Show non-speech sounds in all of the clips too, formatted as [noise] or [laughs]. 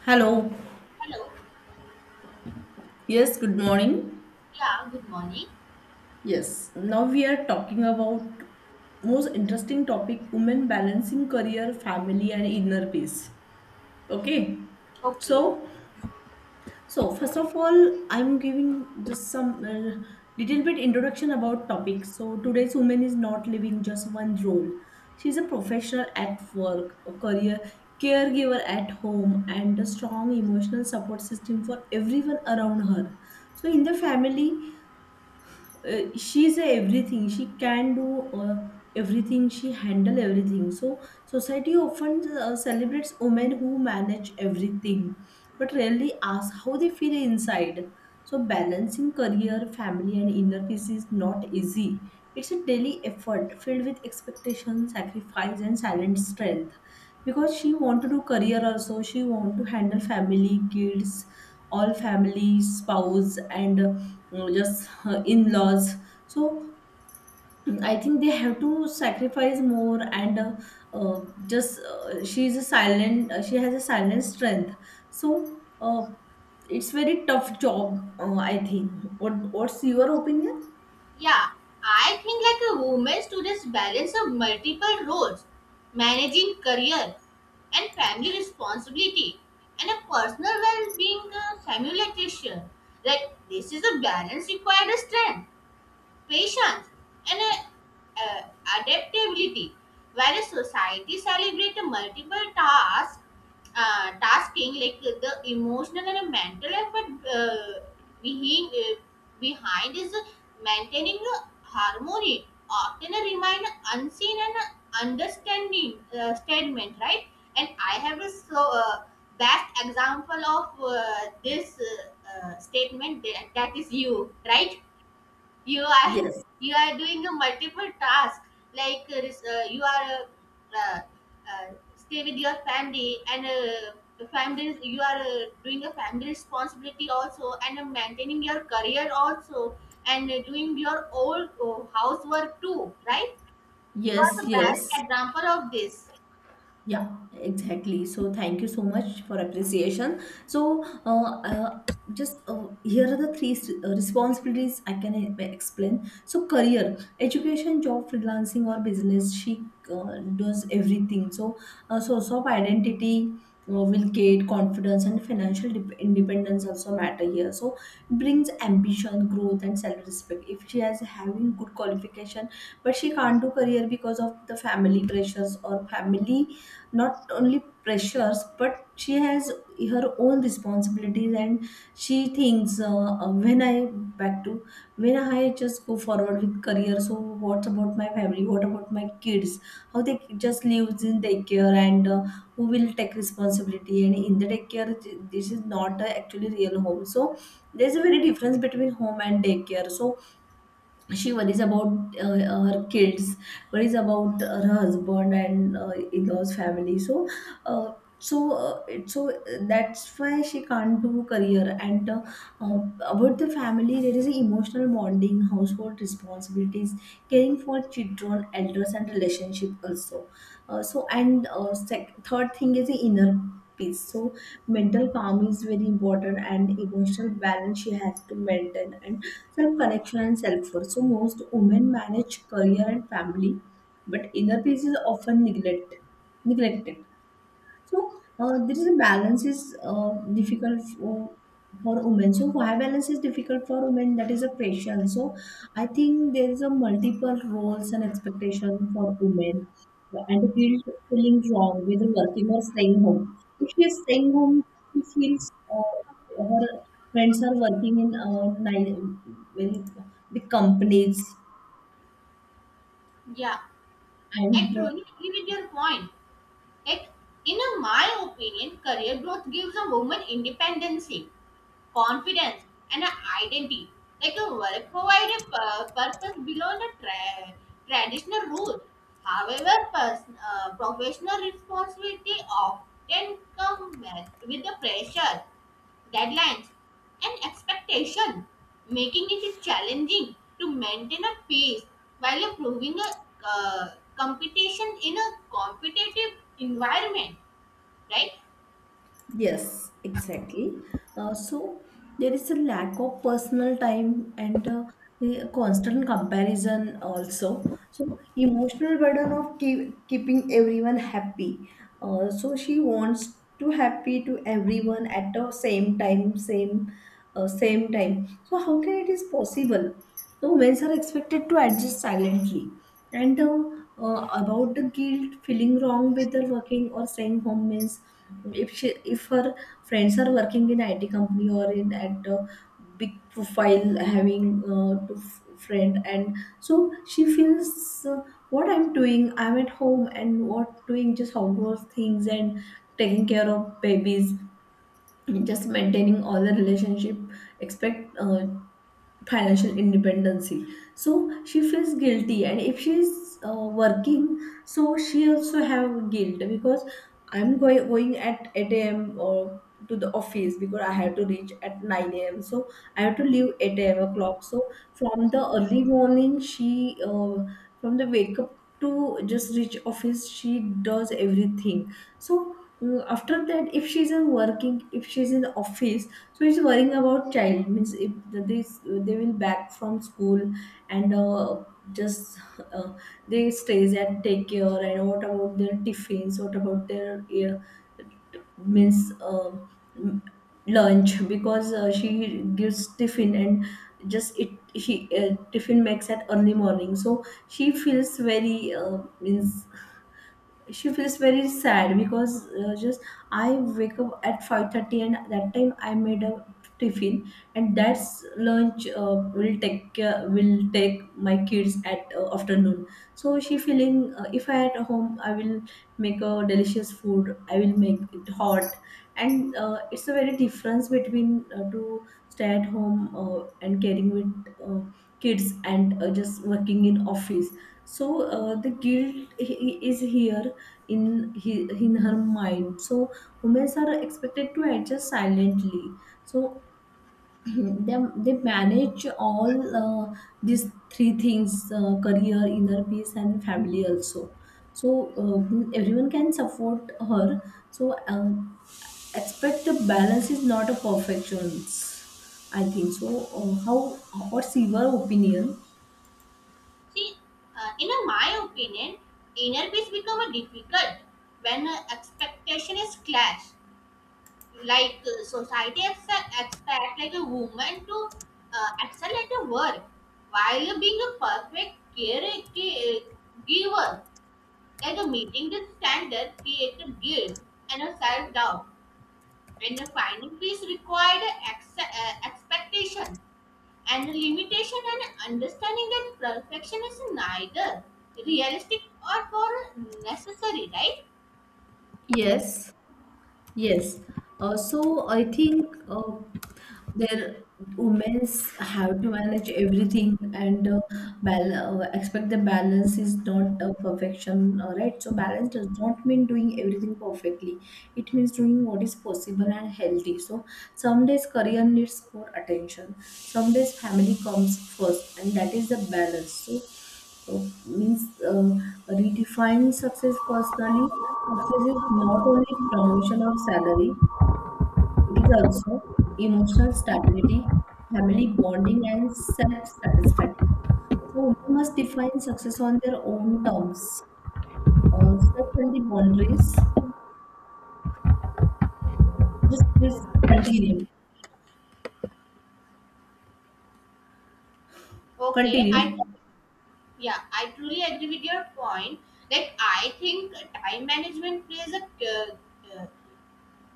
Hello. Hello. Yes, good morning. Yeah, good morning. Yes, now we are talking about most interesting topic women balancing career, family and inner peace. Okay. Okay. So, so first of all, I'm giving just some little bit introduction about topic. So, today's woman is not living just one role. She's a professional at work, a career caregiver at home and a strong emotional support system for everyone around her. So, in the family, she's a everything she can do uh, everything she handle everything so society often celebrates women who manage everything but rarely asks how they feel inside. So balancing career, family and inner peace is not easy. It's a daily effort filled with expectation, sacrifice and silent strength, because she want to do career also, she want to handle family, kids, all family, spouse and just in-laws. So I think they have to sacrifice more and uh, just she's a silent she has a silent strength. So it's very tough job. I think what's your opinion? Yeah, I think like a woman students balance of multiple roles, managing career and family responsibility and a personal well-being simultaneously. Like this is a balance required strength. Patience, and uh, adaptability. Whereas society celebrates multiple tasks, tasking like the emotional and mental effort behind, uh, behind is maintaining the harmony, often remain unseen and understanding statement, right? And I have a so best example of this statement that is you, right? You are Yes, [laughs] you are doing a multiple task like this, you are uh, stay with your family and the family you are doing a family responsibility also and maintaining your career also and doing your old housework too, right? You are yes, the best yes. example of this. Yeah, exactly. So thank you so much for appreciation. So just here are the three responsibilities I can explain. So career, education, job, freelancing, or business. She does everything. So source of identity. Will create confidence and financial independence also matter here. So brings ambition, growth and self-respect. If she has having good qualification, but she can't do career because of the family pressures or family, not only pressures, but she has her own responsibilities, and she thinks when I back to, when I just go forward with career, so what about my family, what about my kids, how they just lives in daycare, and who will take responsibility? And in the daycare, this is not actually real home. So there's a very difference between home and daycare. So she worries about her kids, worries about her husband and in-laws family. So uh, so uh, it- so uh, that's why she can't do career. And uh, about the family, there is emotional bonding, household responsibilities, caring for children, elders and relationship also. So and third thing is the inner peace. So mental calm is very important and emotional balance she has to maintain, and self-connection and self-worth. So most women manage career and family, but inner peace is often neglected. So there is a balance is difficult for women. So why balance is difficult for women? That is a question. So I think there is a multiple roles and expectation for women, and the guilt of feeling wrong with working or staying home. If she is staying home, she feels her friends are working in well, big companies Yeah, I and truly agree with your point. Like in my opinion, career growth gives a woman independency, confidence, and an identity. Like a work provide a purpose beyond the traditional role. However, professional responsibility often come with the pressure, deadlines, and expectation, making it challenging to maintain a pace while improving a uh, competition in a competitive environment, right? yes, exactly. So there is a lack of personal time and a constant comparison also. So emotional burden of keeping everyone happy. So she wants to happy to everyone at the same time, same time. So how can it is possible? So women are expected to adjust silently. And about the guilt, feeling wrong with her working or staying home means if she, if her friends are working in IT company or in at a big profile, having to friend, and so she feels what I'm doing, I'm at home, and what doing just household things and taking care of babies, just maintaining all the relationship. Expect financial independency, so she feels guilty. And if she's working, so she also have guilt because I'm going at 8 a.m. or to the office, because I have to reach at 9 a.m., so I have to leave 8 a.m. o'clock. So from the early morning she from the wake up to just reach office, she does everything. So mm, after that, if she's in working, if she's in office, so he's worrying about child, means if this they will back from school, and just uh, they stays at take care. And what about their tiffins? What about their means uh, m- lunch? Because she gives tiffin, and just it she tiffin makes at early morning. So she feels very means she feels very sad because just I wake up at 5:30 and that time I made a tiffin, and that's lunch will take care, will take my kids at afternoon. So she feeling if I at home I will make a delicious food, I will make it hot. And it's a very difference between to stay at home and caring with kids, and just working in office. So the guilt is here in in her mind. So women are expected to adjust silently. So [clears throat] they manage all uh, these three things, career, inner peace and family also. So uh, everyone can support her. So expect the balance is not a perfection, I think so. Uh, how, what's your opinion? See, in my opinion, inner peace become difficult when expectation is clash. Like society expect like a woman to excel at her work while being a perfect caregiver. Like a meeting the standard create a guilt and a self doubt, and the finding peace required expectation. And limitation and understanding that perfection is neither realistic or for necessary, right? Yes. Yes. So I think their women's have to manage everything and expect the balance is not a perfection, right? So balance does not mean doing everything perfectly. It means doing what is possible and healthy. So some days career needs more attention. Some days family comes first, and that is the balance. So so, means redefine success personally. Success is not only promotion or salary, it is also emotional stability, family bonding, and self satisfaction. So women must define success on their own terms. Set healthy boundaries. Just please continue. Okay, I Continue. yeah, I truly agree with your point. Like I think time management plays a uh,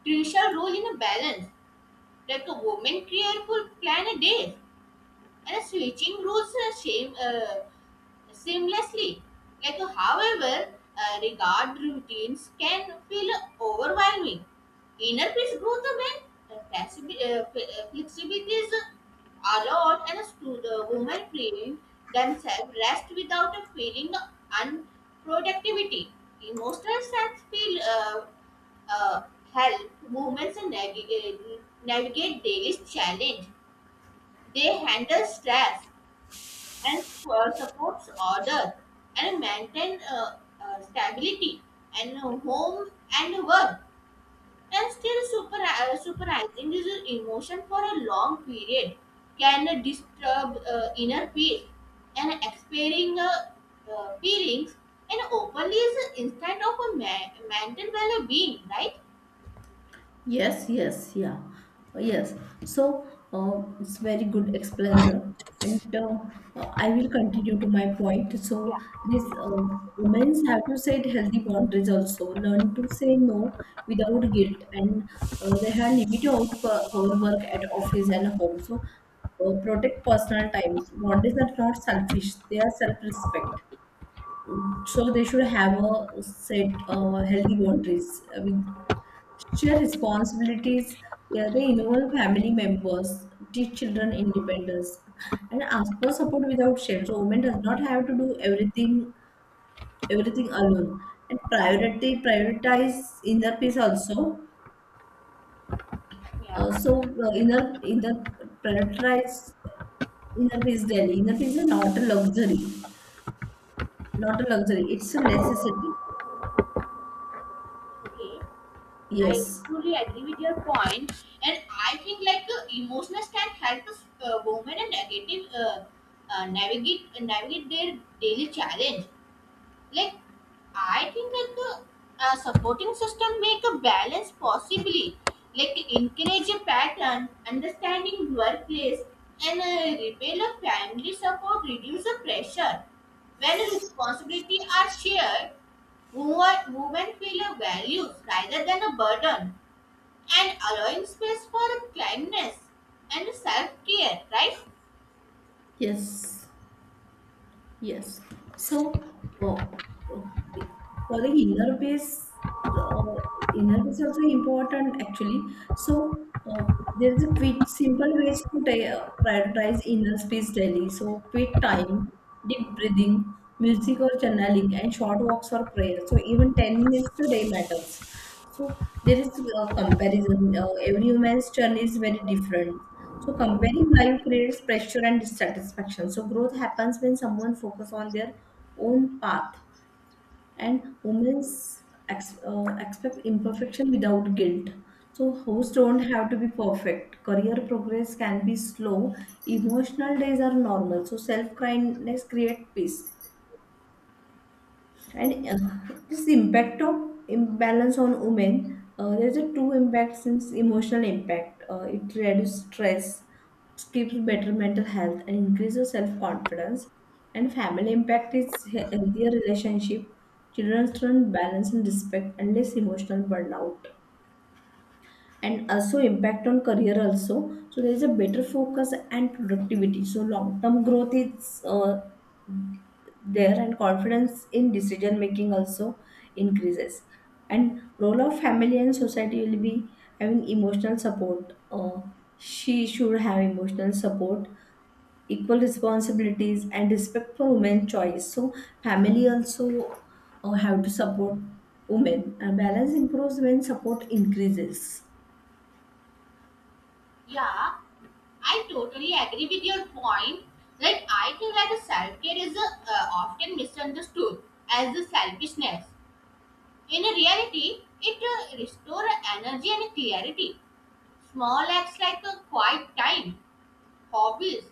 crucial role in a balance. Like a woman careful plan a day, and a switching rules shame. Seamlessly. Like, however, regard routines can feel overwhelming. Inner peace growth when flexibility is allowed and a the women freeing themselves rest without a feeling unproductivity. Emotional strength feel uh, help women navigate daily challenge. They handle stress, and supports order and maintain stability and home and work and still supervising his emotion for a long period can disturb inner peace and expiring feelings and openly is an instant of a mental well-being, right? Yes, yes, yeah, yes. So it's very good explainer, and I will continue to my point. So this women have to set healthy boundaries also, learn to say no without guilt, and they have limit of work at office and home. So protect personal times. Boundaries are not selfish; they are self-respect. So they should have a set healthy boundaries. I mean, share responsibilities. Yeah, they involve family members, teach children independence, and ask for support without shame. So women does not have to do everything alone. And priority prioritize inner peace also. Yeah, So inner inner prioritize inner peace daily. Inner peace is not a luxury, not a luxury. It's a necessity. okay, I Yes, truly agree with your point, and I think like emotions can help us women and negative navigate their daily challenge. Like I think that the supporting system make a balance possibly, like encourage a pattern, understanding workplace, and repair a family support, reduce the pressure. When responsibility are shared, women feel a value rather than a burden and allowing space for kindness and self care, right? yes. Yes. So, uh, uh, for the uh, inner base also important actually. So, there is a quick, simple ways to prioritize inner space daily. So, quick time, deep breathing, music or channeling, and short walks or prayer. So, even 10 minutes a day matters. So there is a comparison. Every human's journey is very different. So comparing life creates pressure and dissatisfaction. So growth happens when someone focuses on their own path, and women's expect imperfection without guilt. So hosts don't have to be perfect. Career progress can be slow. Emotional days are normal. So self kindness create peace. And this impact of imbalance on women, there's a two impacts since emotional impact. It reduces stress, keeps better mental health, and increases self confidence. And family impact is healthier relationship, children learn balance and respect, and less emotional burnout. And also impact on career also. So there is a better focus and productivity. So long term growth is there, and confidence in decision making also increases. And role of family and society will be having emotional support, she should have emotional support, equal responsibilities and respect for women's choice. So family also have to support women, and balance improves when support increases. Yeah, I totally agree with your point. Like, I think that self care is often misunderstood as a selfishness. In reality, it restores energy and clarity. Small acts like a quiet time, hobbies,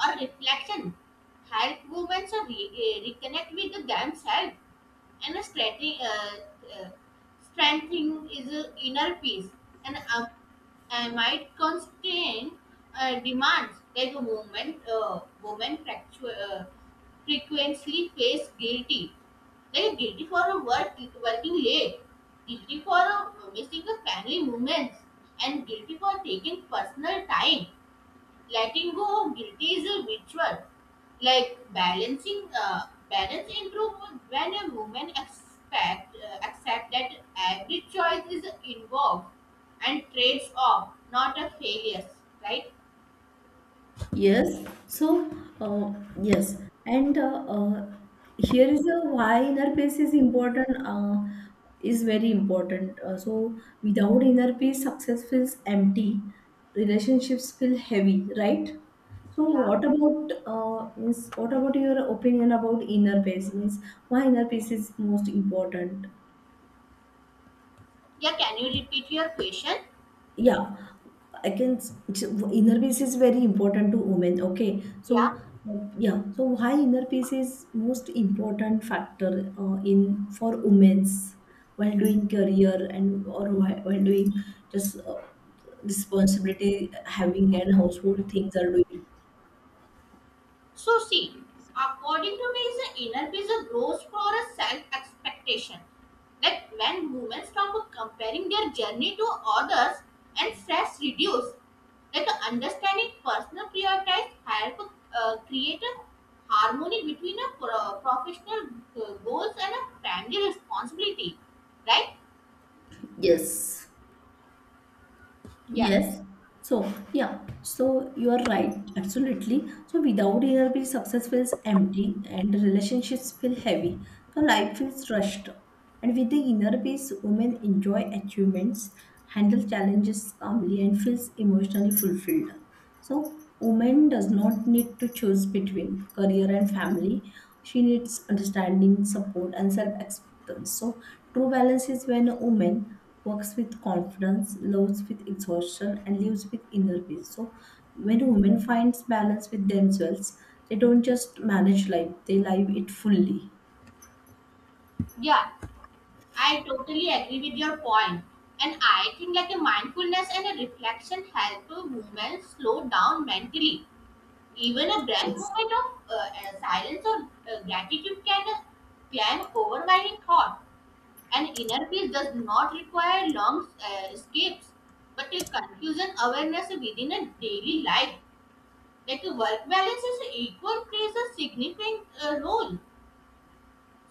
or reflection help women to reconnect with themselves. And a uh, strengthening is a inner peace and might constrain demands like a woman frequently face guilty. Like guilty for a work, working late, guilty for a missing a family moments, and guilty for taking personal time, letting go of guilty is a ritual like balancing balance improve when a woman expect accept that every choice is involved and trades off not a failure, right? Yes, so uh, yes, and here is a why inner peace is important, is very important. So without inner peace, success feels empty, relationships feel heavy, right? So Yeah, what about means what about your opinion about inner peace? Means why inner peace is most important? yeah, can you repeat your question? Yeah, I can. Inner peace is very important to women. Okay, Yeah. so yeah, so why inner peace is most important factor in for women's while doing career, and or while doing just responsibility having and household things are doing. So see, according to me, is the inner peace a grows for a self-expectation. Like when women stop comparing their journey to others and stress reduce, like understanding personal priorities help create a harmony between a professional goals and a family responsibility, right? Yes. Yeah, Yes. So, yeah, so you are right, absolutely. So, without inner peace, success feels empty and relationships feel heavy. So, life feels rushed. And with the inner peace, women enjoy achievements, handle challenges calmly, and feels emotionally fulfilled. So, woman does not need to choose between career and family. She needs understanding, support, and self acceptance. So true balance is when a woman works with confidence, loves with exhaustion, and lives with inner peace. So, when a woman finds balance with themselves, they don't just manage life, they live it fully. yeah. I totally agree with your point. And I think like a mindfulness and a reflection help a woman slow down mentally. Even a breath Yes. moment of silence or gratitude can can overwhelming thought. And inner peace does not require long escapes, but a confusion awareness within a daily life. Like a work balance is equal plays a significant role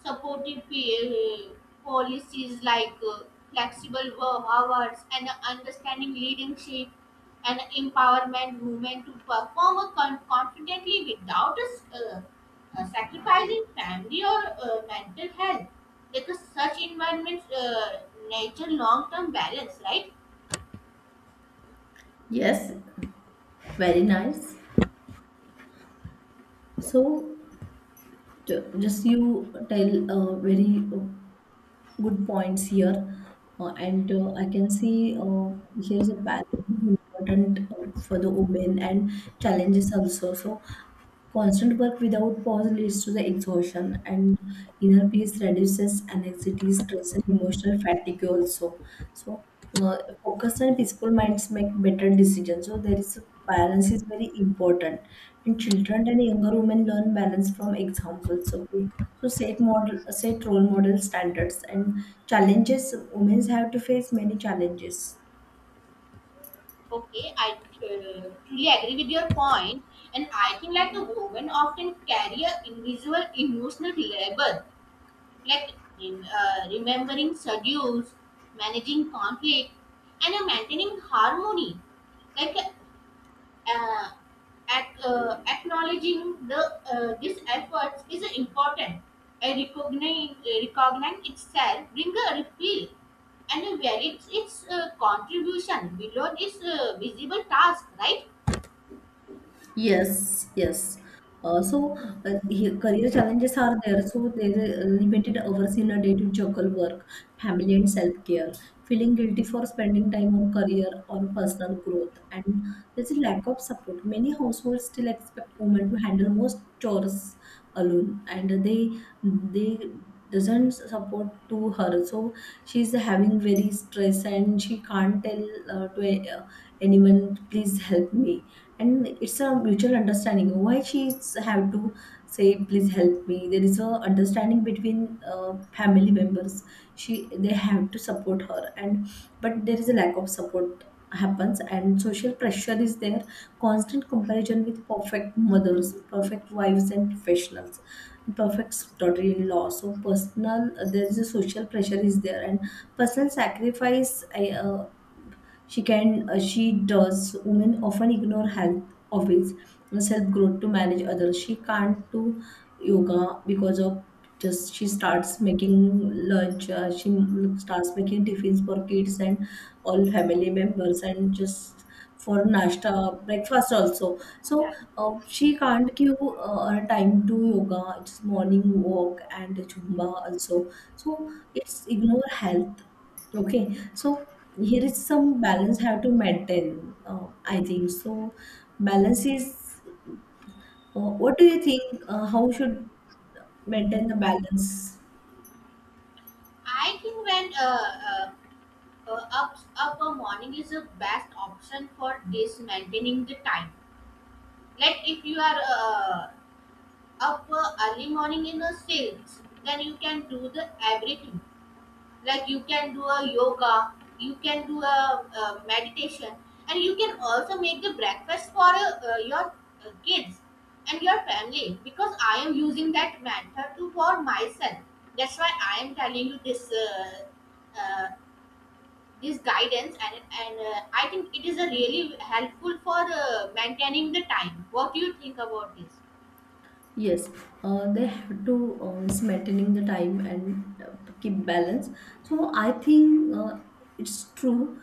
supportive policies like flexible work hours and understanding leadership and empowerment women to perform confidently without sacrificing family or mental health because such environments nature long-term balance, right? Yes, very nice. So, just you tell a very good points here. And I can see here's a balance is important for the women and challenges also. So constant work without pause leads to the exhaustion and inner peace reduces anxiety, stress and emotional fatigue also. So uh, focused and peaceful minds make better decisions. So there is a balance is very important. And children and younger women learn balance from examples. Okay. So set model, set role model standards and challenges. Women have to face many challenges. Okay, I truly agree with your point, and I think like the women often carry a invisible emotional labor like remembering schedules, managing conflict, and maintaining harmony. Like uh, acknowledging the these efforts is important. And recognizing itself brings a refill and values its contribution below its visible task, right? Yes, yes. Uh, so Career challenges are there. So there are limited hours in a day to juggle work, family, and self-care. Feeling guilty for spending time on career or personal growth, and there's a lack of support. Many households still expect women to handle most chores alone, and they doesn't support to her. So she's having very stress, and she can't tell to anyone, please help me, and it's a mutual understanding why she's have to say please help me. There is a understanding between family members, she they have to support her, and but there is a lack of support happens, and social pressure is there. Constant comparison with perfect mothers, perfect wives, and professionals, perfect daughter-in-law. So personal, there is a social pressure is there. And personal sacrifice, she can she does. Women often ignore health habits and self growth to manage others. She can't do yoga because of, just she starts making lunch. She starts making tiffins for kids and all family members, and just for nashta breakfast also. So Yeah. She can't give time to yoga, it's morning walk and Zumba also. So it's ignore health. Okay, so here is some balance have to maintain. I think so. Balance is. What do you think? How should maintain the balance? I think when up a morning is the best option for this maintaining the time, like if you are up early morning in the sales then you can do the everything like you can do a yoga, you can do a, uh, meditation and you can also make the breakfast for your kids and your family because I am using that method to for myself, that's why I am telling you this uh, this guidance and I think it is a really helpful for maintaining the time. What do you think about this? Yes, they have to is maintaining the time and keep balance. So I think it's true.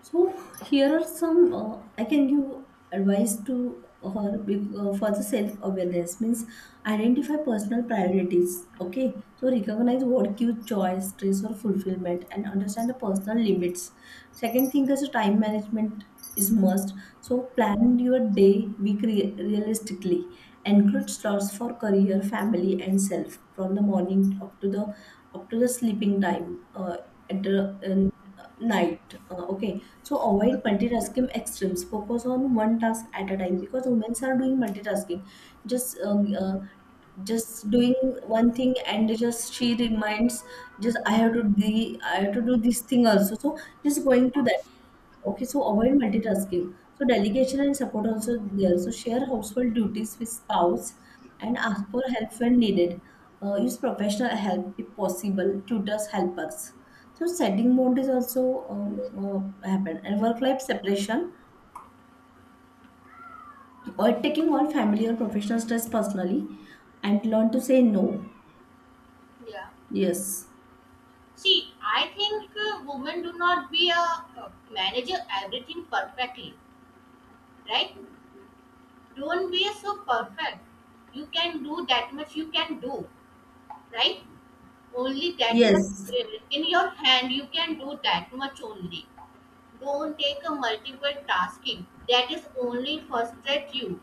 So here are some I can give advice to her, for the self awareness, means identify personal priorities. Okay, so recognize what gives joy, stress, or fulfillment, and understand the personal limits. Second thing is time management is must. So plan your day, week realistically. Include slots for career, family, and self from the morning up to the sleeping time at the night. Okay, so avoid multitasking extremes. Focus on one task at a time because women are doing multitasking. Just um, uh, just doing one thing and just she reminds, just I have to do, I have to do this thing also. So just going to that. Okay, so avoid multitasking. So delegation and support also there. So share household duties with spouse and ask for help when needed. Use professional help if possible, tutors, helpers. So setting boundaries also happen, and work-life separation or taking all family or professional stress personally, and learn to say no. Yeah. Yes. See, I think women do not be a manager everything perfectly, right? Don't be so perfect. You can do that much you can do, right? Only that much Yes. In your hand you can do that much only. Don't take a multiple tasking. That is only frustrate you.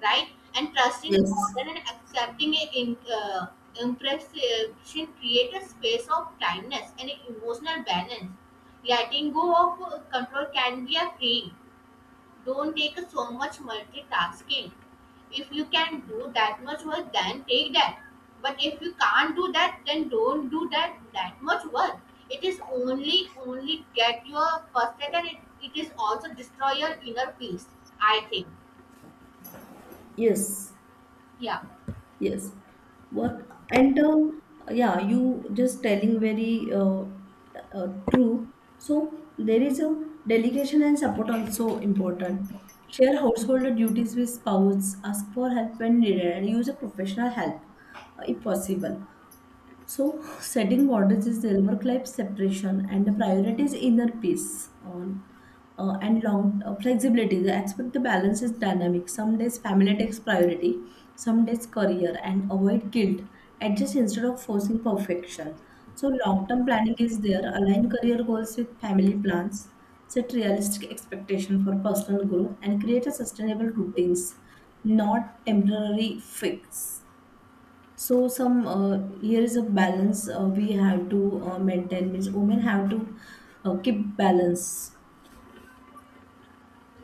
Right? And trusting Yes. order and accepting a impression create a space of kindness and emotional balance. Letting go of control can be a freeing. Don't take so much multitasking. If you can do that much work, then take that. But if you can't do that, then don't do that that much work. It is only get your frustrated and it is also destroy your inner peace. I think. Yes. Yeah. Yes. What and, yeah, you just telling very true. So there is a delegation and support also important. Share household duties with spouse, ask for help when needed, and use a professional help if possible. So, setting borders is silver life separation and the priority is inner peace on, and long flexibility. The expect the balance is dynamic. Some days family takes priority, some days career, and avoid guilt. Adjust instead of forcing perfection. So, long term planning is there. Align career goals with family plans. Set realistic expectation for personal growth and create a sustainable routines, not temporary fix. So some, here is a balance we have to maintain, means women have to keep balance.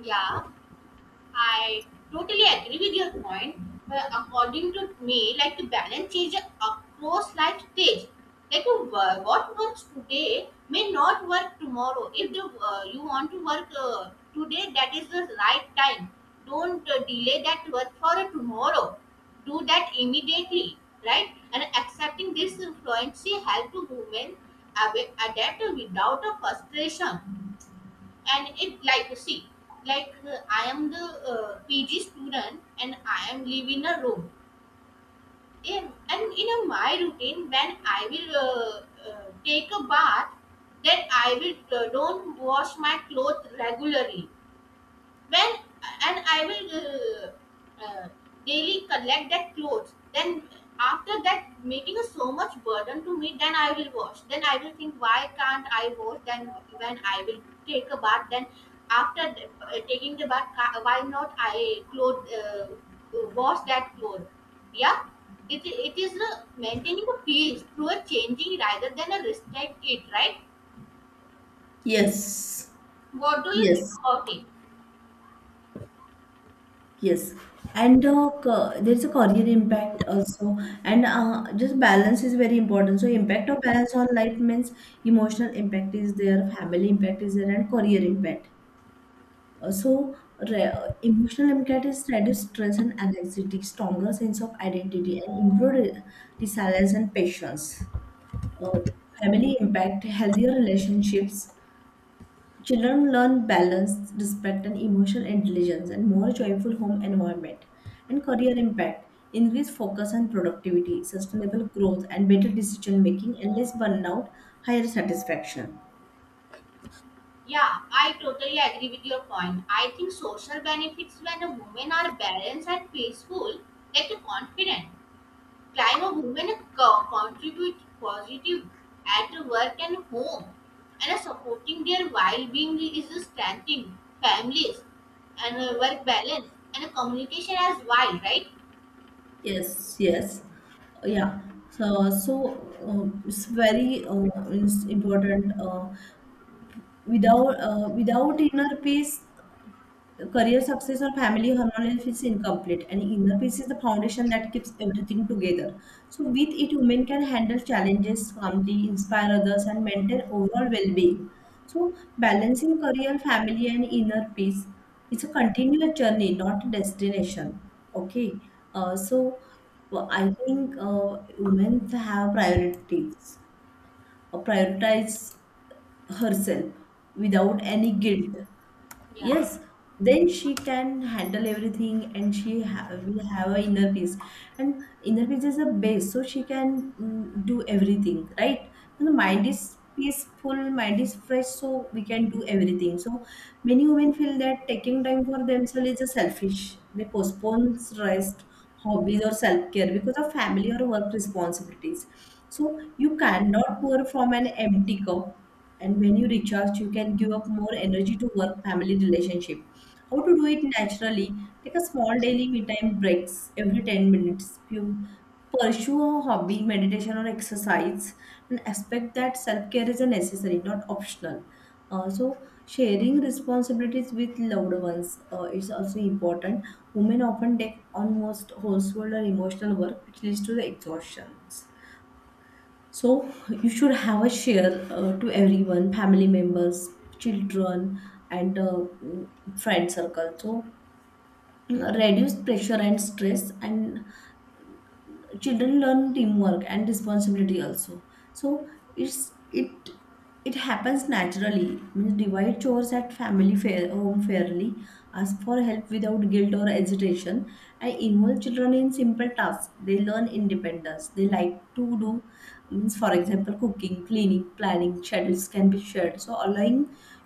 Yeah. I totally agree with your point, but according to me, like the balance is across life stage. Like what works today may not work tomorrow. If you want to work today, that is the right time. Don't delay that work for tomorrow. Do that immediately, right? And accepting this fluency help to women adapt without a frustration and it like see like I am the pg student and I am living a room in, and in a, my routine when I will take a bath then I will don't wash my clothes regularly when and I will daily collect that clothes. Then after that, making a so much burden to me, then I will wash. Then I will think why can't I wash? Then when I will take a bath, then after taking the bath, why not I clothe wash that clothes? Yeah. It is a maintaining a peace through a changing rather than a restrict it, right? Yes, What do you think yes, about it? yes. And there's a career impact also, and just balance is very important. So impact of balance on life means emotional impact is there, family impact is there, and career impact. Uh, so re- Emotional impact is reduced stress and anxiety, stronger sense of identity, and improved resilience and patience. Uh, family impact, healthier relationships. Children learn balance, respect, and emotional intelligence, and more joyful home environment. And career impact, increased focus and productivity, sustainable growth, and better decision making, and less burnout, higher satisfaction. Yeah, I totally agree with your point. I think social benefits when a women are balanced and peaceful, like a confident, climb a woman contribute positive at work and home, and a supporting their well-being is a strengthening families and a work balance and a communication as well, right? Yes, yes, yeah. So, it's very it's important. Without inner peace, career success or family harmony is incomplete, and inner peace is the foundation that keeps everything together. So with it, women can handle challenges calmly, inspire others, and maintain overall well-being. So balancing career, family, and inner peace is a continuous journey, not a destination. Okay. uh, so I think women have priorities, prioritize herself without any guilt. Yeah, Yes, then she can handle everything, and she will have a inner peace. And inner peace is a base, so she can do everything right. And the yeah. mind is peaceful, mind is fresh, so we can do everything. So many women feel that taking time for themselves is a selfish. They postpone rest, hobbies, or self care because of family or work responsibilities. So you cannot pour from an empty cup. And when you recharge, you can give up more energy to work family relationship. How to do it naturally? Take a small daily me time breaks every 10 minutes. Few- Pursue a hobby, meditation, or exercise, and expect that self care is a necessary, not optional. Uh, so, Sharing responsibilities with loved ones is also important. Women often take on most household or emotional work, which leads to the exhaustion. So, you should have a share to everyone, family members, children, and friend circle. So, reduce pressure and stress, and children learn teamwork and responsibility also. So it it happens naturally, means divide chores at family, fair home fairly, ask for help without guilt or hesitation, and involve children in simple tasks, they learn independence, they like to do. Means for example, cooking, cleaning, planning schedules can be shared. So allowing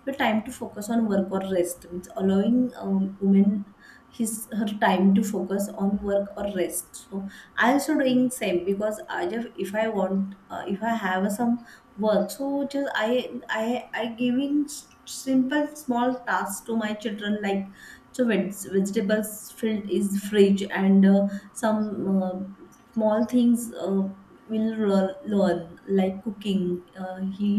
your time to focus on work or rest, means allowing women his her time to focus on work or rest. So I also doing same because I just, if I want, if I have some work, so just I giving simple small tasks to my children, like so vegetables filled is fridge, and some small things will learn, like cooking. Uh, he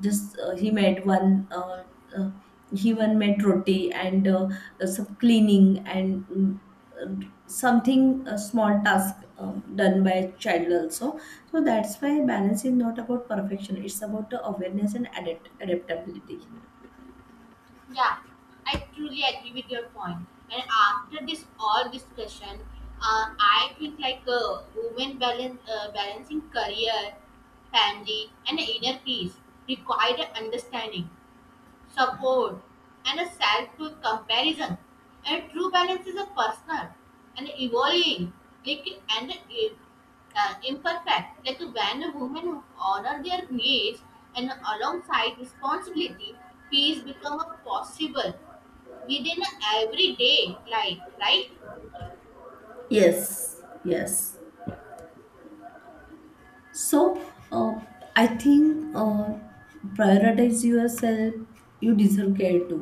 just, he made one, uh, he one made roti, and some cleaning, and something, a small task done by a child also. So that's why balance is not about perfection, it's about the awareness and adaptability. Yeah, I truly agree with your point. And after this all discussion, I think like uh, balancing career, family, and inner peace require understanding support, and a self comparison. A true balance is a personal and evolving, like and imperfect. Like when women honor their needs and alongside responsibility, peace become a possible within everyday life. Right? Yes, yes. So uh, I think, prioritize yourself, you deserve care too.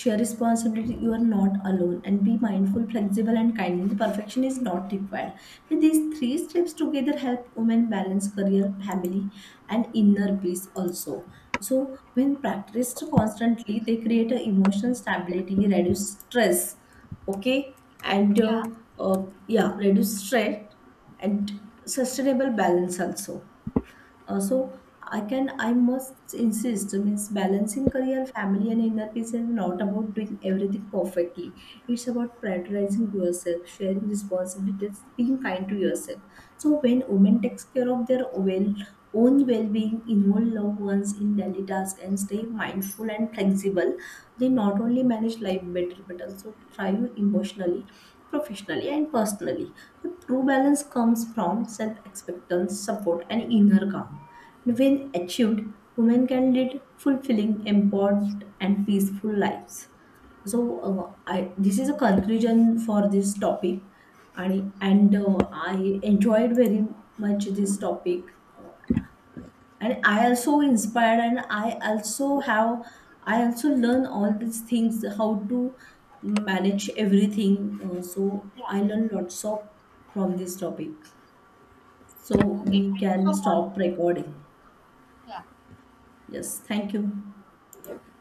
Share responsibility, you are not alone, and be mindful, flexible, and kind. The perfection is not required. With these three steps together help women balance career, family, and inner peace also. So when practiced constantly, they create a emotional stability, reduce stress. Okay. and uh, Yeah. uh, yeah, reduce stress and sustainable balance also. Uh, so I can I must insist, means balancing career, family, and inner peace is not about doing everything perfectly. It's about prioritizing yourself, sharing responsibilities, being kind to yourself. So when women takes care of their own well-being, involve loved ones in daily tasks, and stay mindful and flexible, they not only manage life better but also thrive emotionally, professionally, and personally. So true balance comes from self acceptance, support, and inner calm. And when achieved, women can lead fulfilling, empowered, and peaceful lives. So I, this is a conclusion for this topic, and I enjoyed very much this topic, uh, and I also inspired, and I also learn all these things, how to manage everything. So Yeah. I learned lots of from this topic. Okay. So we Thank you can so much. stop recording. Yeah. Yes, thank you.